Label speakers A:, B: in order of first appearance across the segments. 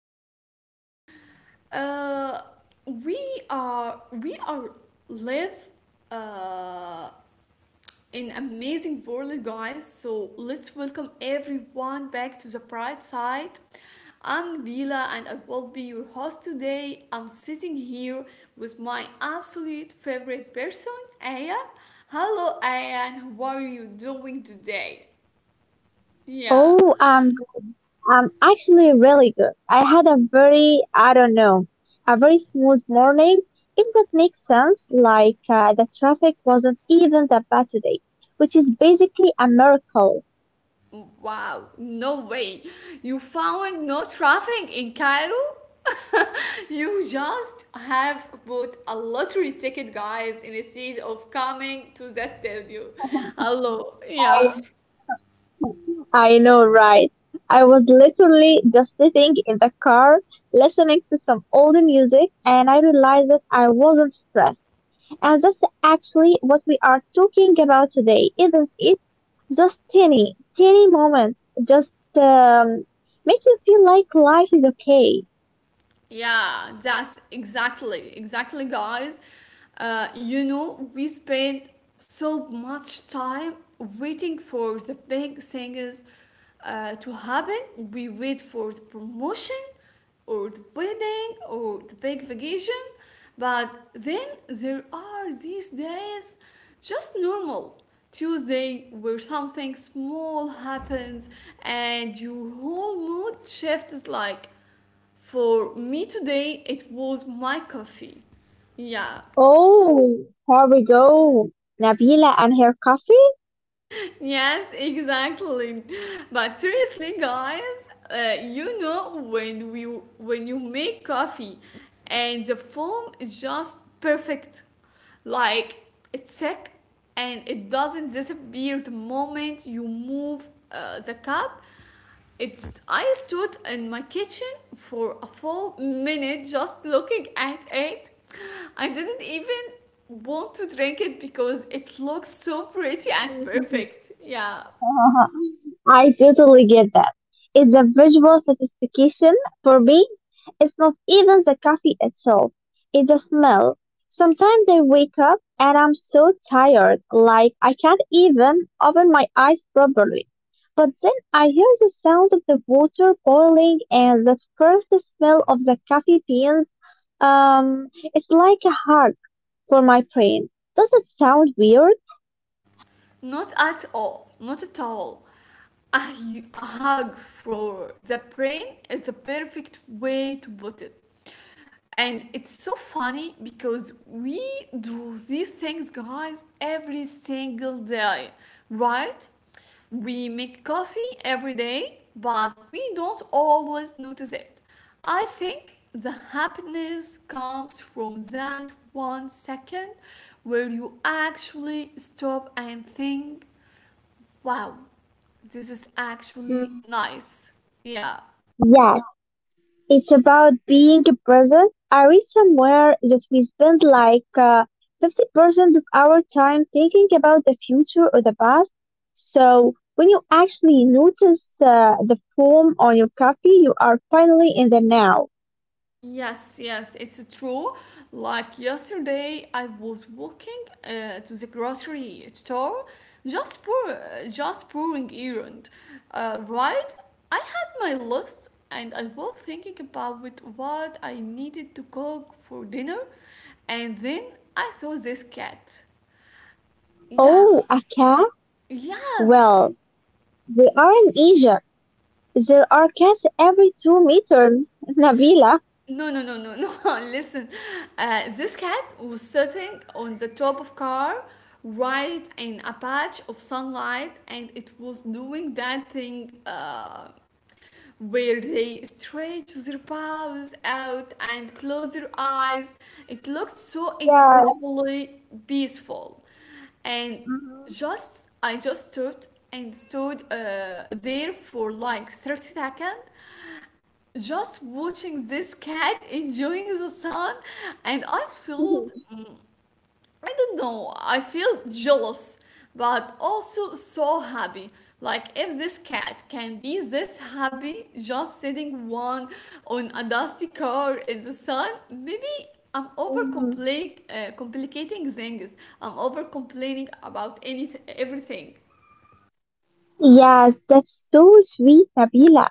A: podcast. Uh, we we are live uh, in an amazing world, guys. So let's welcome everyone back to the bright side. I'm Bila, and I will be your host today. I'm sitting here with my absolute favorite person, Aya. Hello, Aya, and how are you doing today? Yeah.
B: Oh, I'm good. I'm actually really good. I had a very, I don't know, a very smooth morning, if that makes sense. The traffic wasn't even that bad today, which is basically a miracle.
A: Wow, no way. You found no traffic in Cairo? You just have bought a lottery ticket, guys, instead of coming to the studio. Hello,
B: I,
A: yeah.
B: I know, right? I was literally just sitting in the car listening to some old music and I realized that I wasn't stressed. And that's actually what we are talking about today, isn't it? Just tiny, tiny moments just um, make you feel like life is okay.
A: Yeah, that's exactly, guys. You know, we spend so much time waiting for the big things to happen. We wait for the promotion or the wedding or the big vacation, but then there are these days just normal. Tuesday, where something small happens and your whole mood shifts. Like for me today, it was my coffee. Yeah.
B: Oh, here we go. Nabila and her coffee.
A: Yes, exactly. But seriously, guys, you know when we when you make coffee and the foam is just perfect. Like, it's thick and it doesn't disappear the moment you move the cup. It's I stood in my kitchen for a full minute just looking at it. I didn't even want to drink it because it looks so pretty and perfect. Yeah.
B: Uh-huh. I totally get that. It's the visual sophistication for me. It's not even the coffee itself. It's the smell. Sometimes I wake up and I'm so tired, like I can't even open my eyes properly. But then I hear the sound of the water boiling and that first smell of the coffee beans. Um, it's like a hug for my brain. Does it sound weird?
A: Not at all. Not at all. A hug for the brain is the perfect way to put it. And it's so funny because we do these things, guys, every single day, right? We make coffee every day, but we don't always notice it. I think the happiness comes from that 1 second where you actually stop and think, wow, this is actually
B: Hmm.
A: nice. Yeah.
B: Yeah, it's about being present. I read somewhere that we spend like 50% of our time thinking about the future or the past. So when you actually notice the foam on your coffee, you are finally in the now.
A: Yes, yes, it's true. Like yesterday, I was walking to the grocery store, just pour, just pouring errand. Right, I had my list, and I was thinking about with what I needed to cook for dinner, and then I saw this cat. Yeah,
B: Oh, a cat?
A: yes.
B: Well, we are in Egypt. There are cats every 2 meters, Nabila.
A: No, no, no, no, no. Listen, this cat was sitting on the top of car, right in a patch of sunlight, and it was doing that thing where they stretch their paws out and close their eyes. It looked so
B: Yeah.
A: incredibly peaceful, and
B: Mhm.
A: just I just stood and stood there for like 30 seconds, just watching this cat enjoying the sun. And I feel, I don't know, I feel jealous, but also so happy. Like if this cat can be this happy just sitting one on a dusty car in the sun, maybe I'm over
B: Mhm.
A: complicating things, I'm over complaining about anything everything.
B: Yes, that's so sweet, Nabila.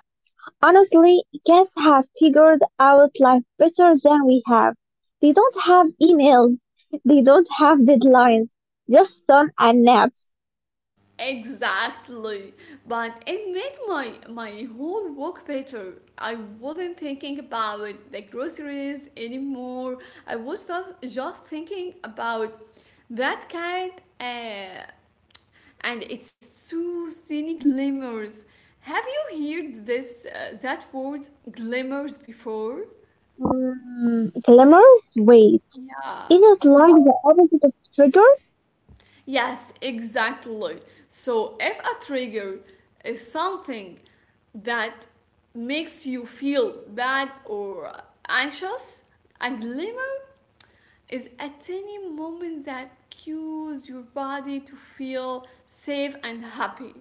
B: Honestly, guests have figured out life better than we have. They don't have emails. They don't have deadlines. Just sun and naps.
A: Exactly. But it made my whole work better. I wasn't thinking about the groceries anymore. I was just thinking about that cat, and its soothing glimmers. Have you heard this, that word glimmers, before?
B: Mm, glimmers? Wait.
A: Yeah.
B: Is it like the opposite of triggers?
A: Yes, exactly. So if a trigger is something that makes you feel bad or anxious, a glimmer is a tiny moment that cues your body to feel safe and happy.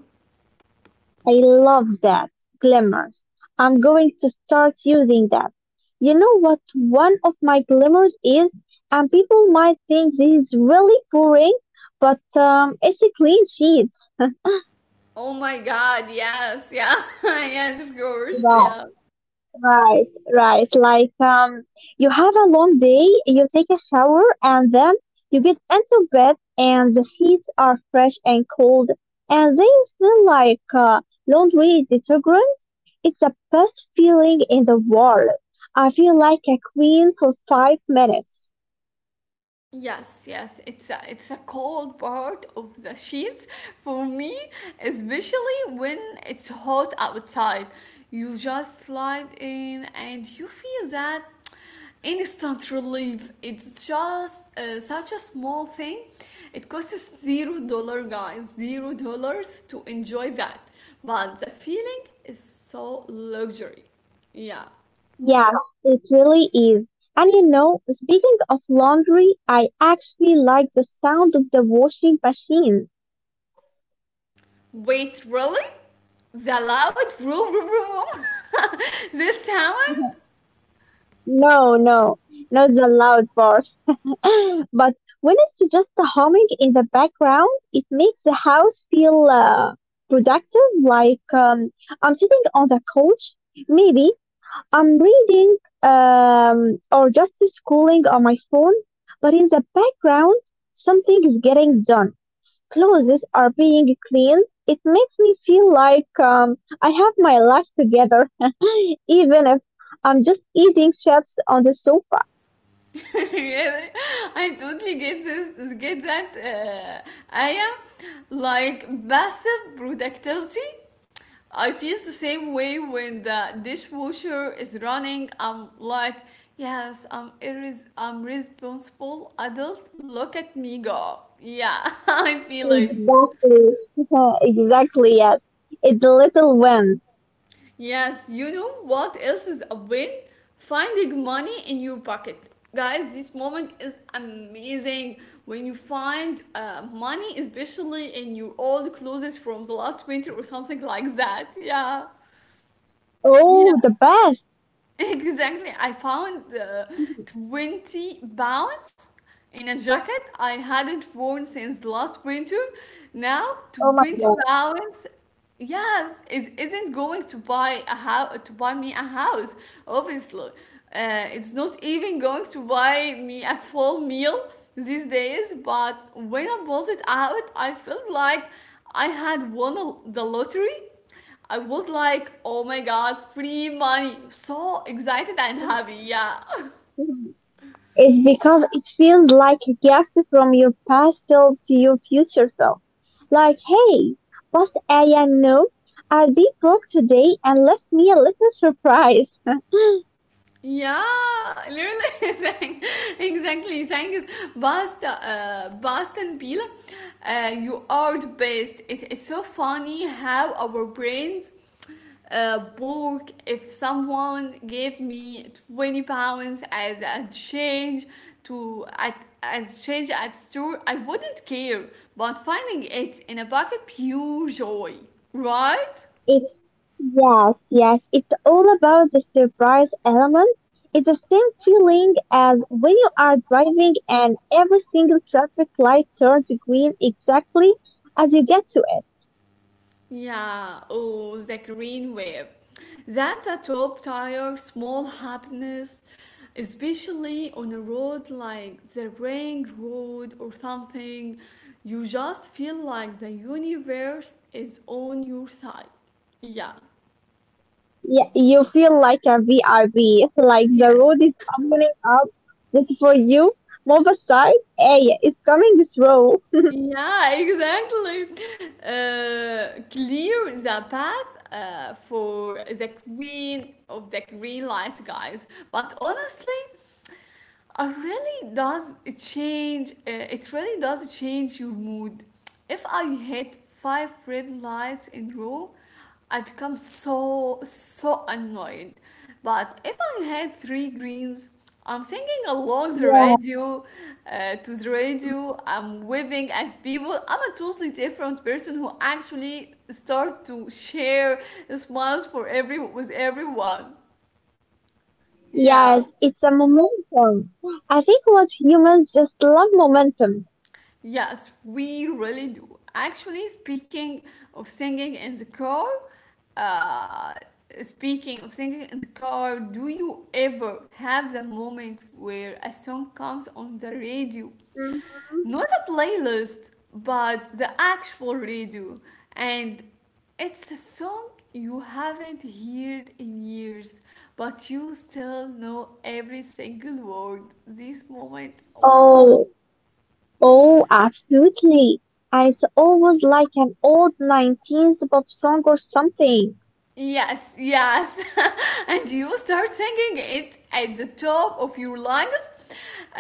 B: I love that. Glimmers. I'm going to start using that. You know what one of my glimmers is? And people might think this is really boring, but it's a clean sheet.
A: Oh my god, yes, yeah, yes, of course,
B: Yeah.
A: yeah.
B: Right, right. You have a long day, you take a shower, and then you get into bed, and the sheets are fresh and cold, and they smell like laundry detergent. It's the best feeling in the world. I feel like a queen for 5 minutes.
A: Yes, yes, it's a cold part of the sheets for me, especially when it's hot outside. You just slide in and you feel that instant relief. It's just such a small thing. It costs $0, guys, $0 to enjoy that. But the feeling is so luxury. Yeah.
B: Yeah, it really is. And you know, speaking of laundry, I actually like the sound of the washing machine.
A: Wait, really? The loud vroom vroom vroom vroom? This sound?
B: No, no, not the loud part. But when it's just the humming in the background, it makes the house feel productive. I'm sitting on the couch, maybe I'm reading or just scrolling on my phone, but in the background, something is getting done. Clothes are being cleaned. It makes me feel like I have my life together, even if I'm just eating chips on the sofa.
A: Really? I totally get this. Get that? Aya, like passive productivity. I feel the same way when the dishwasher is running. I'm like, yes, I'm responsible adult. Look at me go. Yeah, I feel it.
B: Exactly. Yeah, exactly, yes. It's a little wins.
A: Yes, you know what else is a win? Finding money in your pocket. Guys, this moment is amazing when you find money, especially in your old clothes from the last winter or something like that. Yeah, yeah,
B: Oh, the best.
A: exactly. I found 20 pounds in a jacket I hadn't worn since last winter. Now,
B: Oh my
A: 20
B: God.
A: pounds yes, it not going to buy me a house, obviously. It's not even going to buy me a full meal these days. But when I bought it out, I felt like I had won the lottery. I was like, oh my god, free money, so excited and happy. Yeah.
B: It's because it feels like a gift from your past self to your future self. Like, hey, past I know, I'll be broke today and left me a little surprise.
A: Yeah, literally, thank- exactly. Saying is "Basta, best and peel. You are the best. It's so funny how our brains work. If someone gave me 20 pounds as a change to at as change at store, I wouldn't care. But finding it in a bucket, pure joy, right?
B: Yes, yes, it's all about the surprise element. It's the same feeling as when you are driving and every single traffic light turns green exactly as you get to it.
A: Yeah, oh, the green wave. That's a top tier small happiness, especially on a road like the ring road or something. You just feel like the universe is on your side. Yeah.
B: Yeah, you feel like a VRB, like the
A: Yeah,
B: road is opening up just for you. Move aside. Hey, it's coming this row.
A: yeah, exactly. Clear the path for the queen of the green light, guys. But honestly, it really does it really does change your mood. If I hit five red lights in row, I become so so annoyed. But if I hit three greens, I'm singing along the
B: Yeah.
A: radio, to the radio.
B: Mhm.
A: I'm waving at people. I'm a totally different person, who actually start to share smiles for every with everyone. Yeah.
B: Yes, it's a momentum. I think what humans just love momentum.
A: Yes, we really do. Actually, of singing in the car, uh, speaking of singing in the car, do you ever have the moment where a song comes on the radio?
B: Mhm.
A: Not a playlist, but the actual radio. And it's a song you haven't heard in years, but you still know every single word. This moment, wow.
B: Oh, oh, absolutely. And it's always like an old 19th pop song or something.
A: Yes, yes. And you start singing it at the top of your lungs.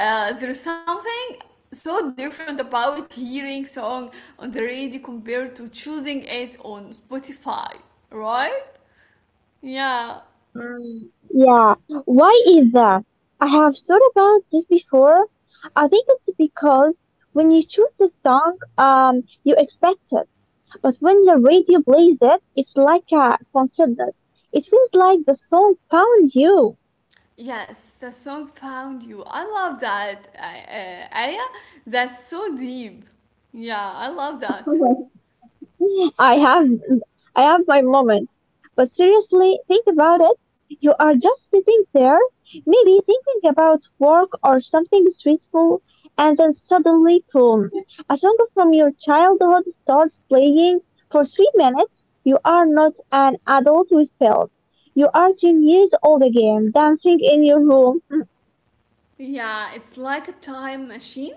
A: There's something so different about hearing song on the radio compared to choosing it on Spotify, right? Yeah.
B: Mm, yeah. Why is that? I have thought about this before. I think it's because when you choose a song, you expect it. But when the radio plays it, it's like a coincidence. It feels like the song found you.
A: Yes, the song found you. I love that, Aya. That's so deep. Yeah, I love that.
B: I have. I have my moments. But seriously, think about it. You are just sitting there, maybe thinking about work or something stressful, and then suddenly, boom, a song from your childhood starts playing for 3 minutes. You are not an adult with pills. You are 10 years old again, dancing in your room.
A: Yeah, it's like a time machine.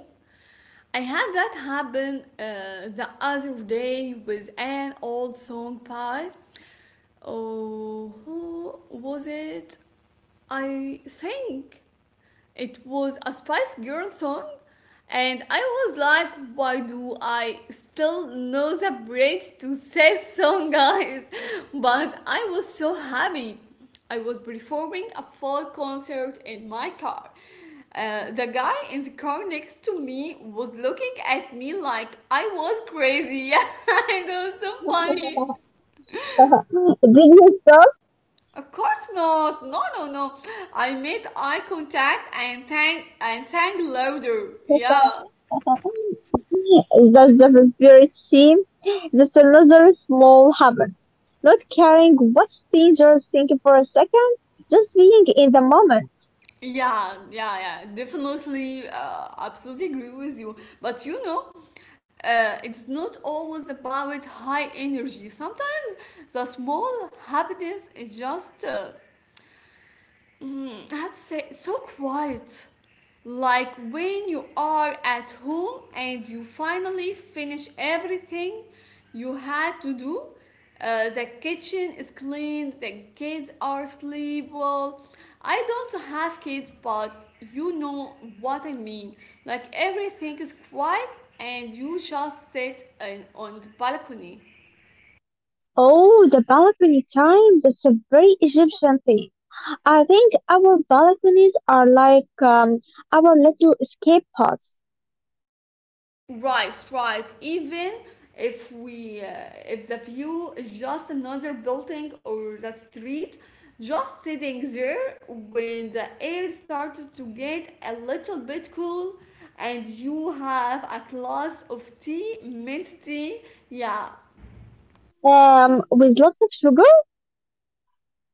A: I had that happen the other day with an old song by. Oh, who was it? I think it was a Spice Girl song, and I was like, why do I still know the bridge to say song, guys? But I was so happy. I was performing a full concert in my car. The guy in the car next to me was looking at me like I was crazy. It was so funny.
B: Did you stop?
A: Of course not. No, no, no. I made eye contact and sang louder. Yeah.
B: That's the spirit seem. That's another small habit. Not caring what's dangerous, thinking for a second, just being in the moment.
A: Yeah, yeah, yeah. Definitely, absolutely agree with you. But you know, it's not always about high energy. Sometimes the small happiness is just I have to say, so quiet. Like when you are at home and you finally finish everything you had to do. The kitchen is clean, the kids are asleep. Well, I don't have kids, but you know what I mean. Like everything is quiet and you just on the balcony.
B: Oh, the balcony time. That's a very Egyptian thing. I think our balconies are like our little escape pods
A: Right, right. Even if if the view is just another building or that street, just sitting there when the air starts to get a little bit cool and you have a glass of tea, mint tea, yeah.
B: with lots of sugar.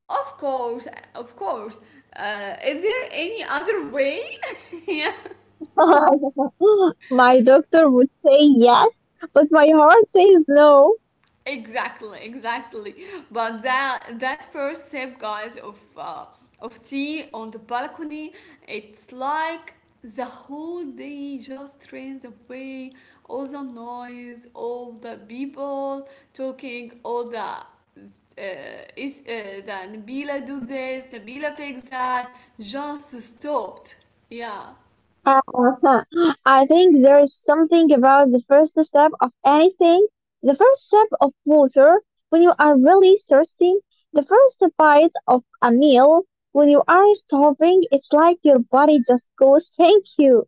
A: Of course, of course. Is there any other way? Yeah.
B: My doctor would say yes, but my heart says no.
A: Exactly, exactly. But that first step, guys, of tea on the balcony, it's like the whole day just drains away, all the noise, all the people talking, all is uh, the Nabila do this, Nabila fix that, just stopped. Yeah.
B: Uh, I think there is something about the first step of anything. The first step of water when you are really thirsty. The first bite of a meal when you are starving. It's like your body just goes, thank you.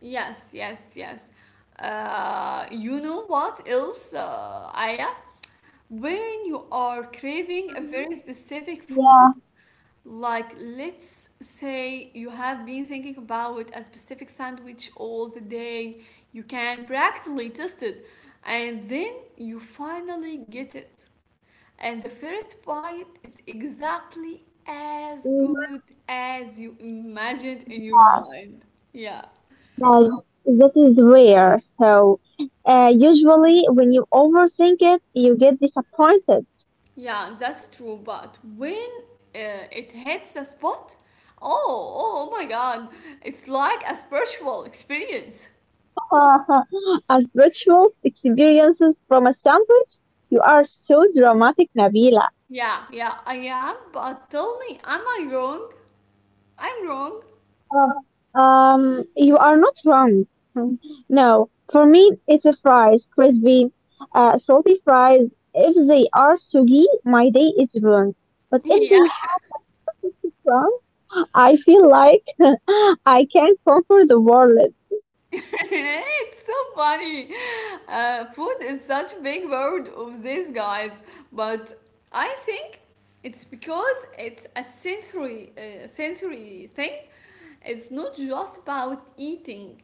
A: Yes, yes, yes. You know what else, Aya? When you are craving a
B: Mhm.
A: very specific
B: Yeah.
A: food, like let's say you have been thinking about a specific sandwich all the day, you can practically taste it, and then you finally get it. And the first bite is exactly as good
B: Hmm.
A: as you imagined in your
B: Yeah.
A: mind. Yeah.
B: Yeah. That is rare. So, usually when you overthink it, you get disappointed.
A: Yeah, that's true. But when it hits the spot, oh, oh my God, it's like a spiritual experience.
B: As rituals experiences from a sandwich, you are so dramatic, Nabila.
A: Yeah, yeah, I am. But tell me, am I wrong? I'm wrong.
B: You are not wrong. No, for me, it's a fries, crispy, salty fries. If they are soggy, my day is ruined. But if they
A: Yeah,
B: have that perfect brown, I feel like I can conquer the world.
A: it's so funny. Food is such a big word of these guys, but I think it's because it's a sensory thing. It's not just about eating.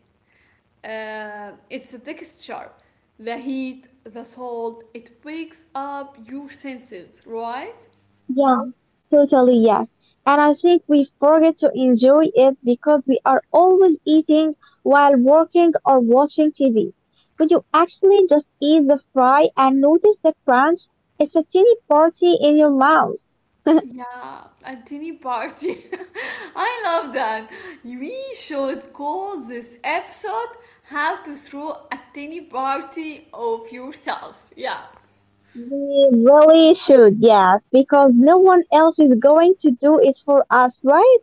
A: It's the texture, the heat, the salt. It wakes up your senses, right?
B: Yeah, totally, yeah. And I think we forget to enjoy it because we are always eating while working or watching TV. But you actually just eat the fry and notice the crunch? It's a teeny party in your mouth.
A: Yeah, a tiny party. I love that. We should call this episode How to Throw a Tiny Party of Yourself. Yeah.
B: We really should, yes, because no one else is going to do it for us, right?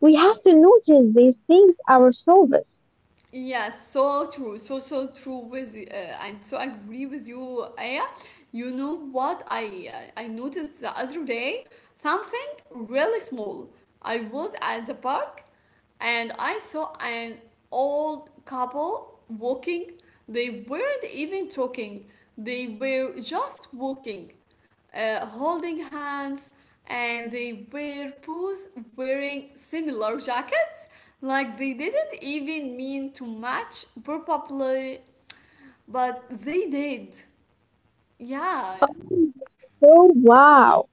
B: We have
A: Y-
B: to notice these things ourselves.
A: Yeah, so true. So, so true with you. And so I agree with you, Aya. You know what I noticed the other day? Something really small. I was at the park and I saw an old couple walking. They weren't even talking, they were just walking, holding hands, and they were both wearing similar jackets. Like they didn't even mean to match, probably, but they did. Yeah,
B: Oh, so wow.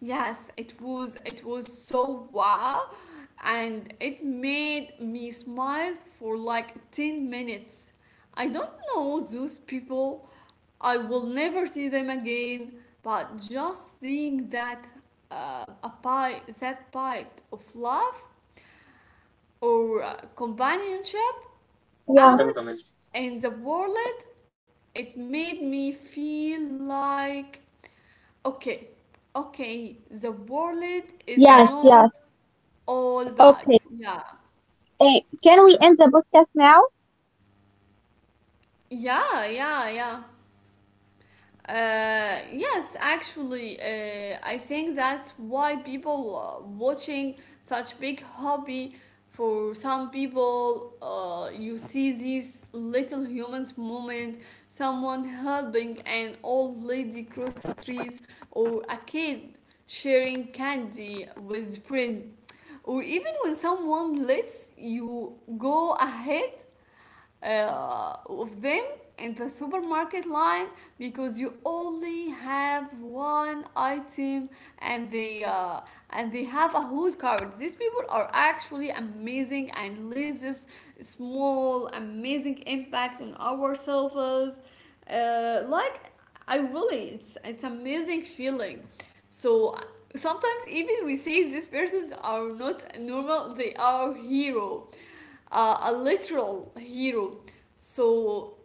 A: yes, it was so wow, and it made me smile for like 10 minutes. I don't know those people. I will never see them again, but just seeing that, that bite of love or companionship
B: Yeah.
A: out in the world, it made me feel like, okay, okay, the world is
B: Yes,
A: not
B: yes.
A: all bad.
B: Okay.
A: Yeah,
B: Eh, can we end the podcast now?
A: yeah. Yes, actually, I think that's why people watching such big hobby. For some people, you see these little humans moment, someone helping an old lady cross the trees, or a kid sharing candy with friend, or even when someone lets you go ahead of them in the supermarket line because you only have one item and they uh, and they have a whole cart. These people are actually amazing and leave this small amazing impact on ourselves, like, I really, it's amazing feeling. So sometimes even we say these persons are not normal, they are hero, a literal hero. So,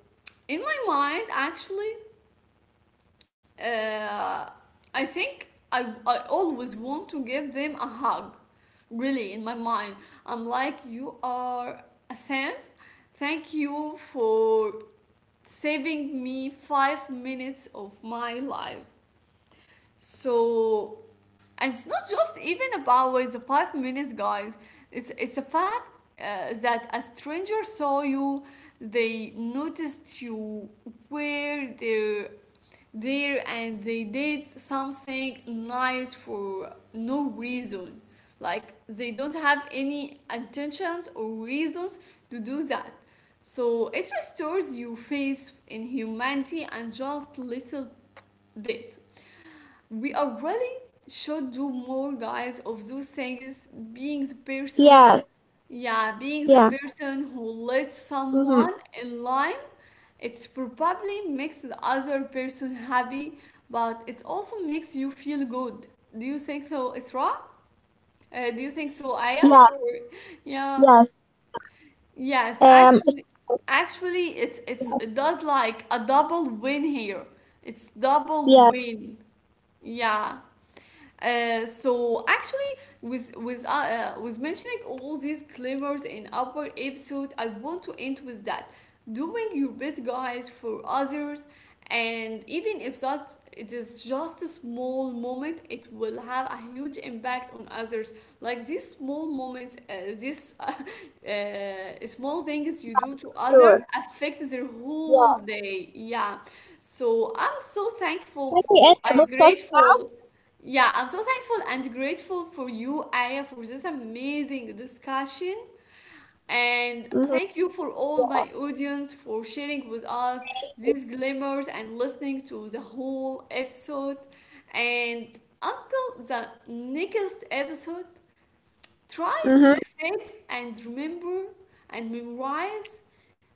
A: in my mind, actually, uh, I think I always want to give them a hug. Really, in my mind, I'm like, you are a saint. Thank you for saving me 5 minutes of my life. So, and it's not just even about the 5 minutes, guys, it's a fact that a stranger saw you, they noticed you were there, and they did something nice for no reason. Like they don't have any intentions or reasons to do that. So it restores your faith in humanity and just little bit. We are really should do more, guys, of those things. Being the person,
B: Yes,
A: yeah, being the
B: yeah,
A: person who lets
B: mm-hmm.
A: someone in line, it's probably makes the other person happy, but it also makes you feel good. Do you think so, isra, do you think so, Aya?
B: Yes,
A: Sorry. Yeah,
B: yes, yes.
A: yes,
B: Um,
A: actually,
B: so
A: actually, it's
B: yes,
A: it does like a double win here, it's double
B: yes,
A: win. Yeah.
B: yes,
A: So actually, with with uh, with mentioning all these claimers in upper episode, I want to end with that, doing your best, guys, for others. And even if that it is just a small moment, it will have a huge impact on others. Like these small moments, these small things you
B: yes,
A: do to
B: for
A: other
B: sure.
A: affect their whole
B: Yes.
A: day. Yeah, so I'm so thankful
B: Can we
A: for
B: end
A: I am
B: the podcast now?
A: grateful. Yeah, I'm so thankful and grateful for you, Aya, for this amazing discussion. And thank
B: Mm-hmm.
A: you for all
B: Yeah.
A: my audience for sharing with us
B: Thank
A: these
B: you.
A: glimmers and listening to the whole episode. And until the next episode, try to
B: Mm-hmm.
A: set and remember and memorize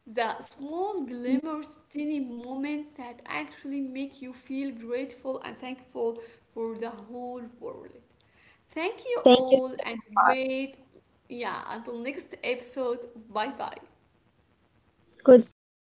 A: the small
B: Mm-hmm.
A: glimmers, tiny moments that actually make you feel grateful and thankful for the whole world. Thank you
B: Thank you
A: all and
B: so much.
A: wait, yeah, until next episode. Bye bye.
B: Goodbye.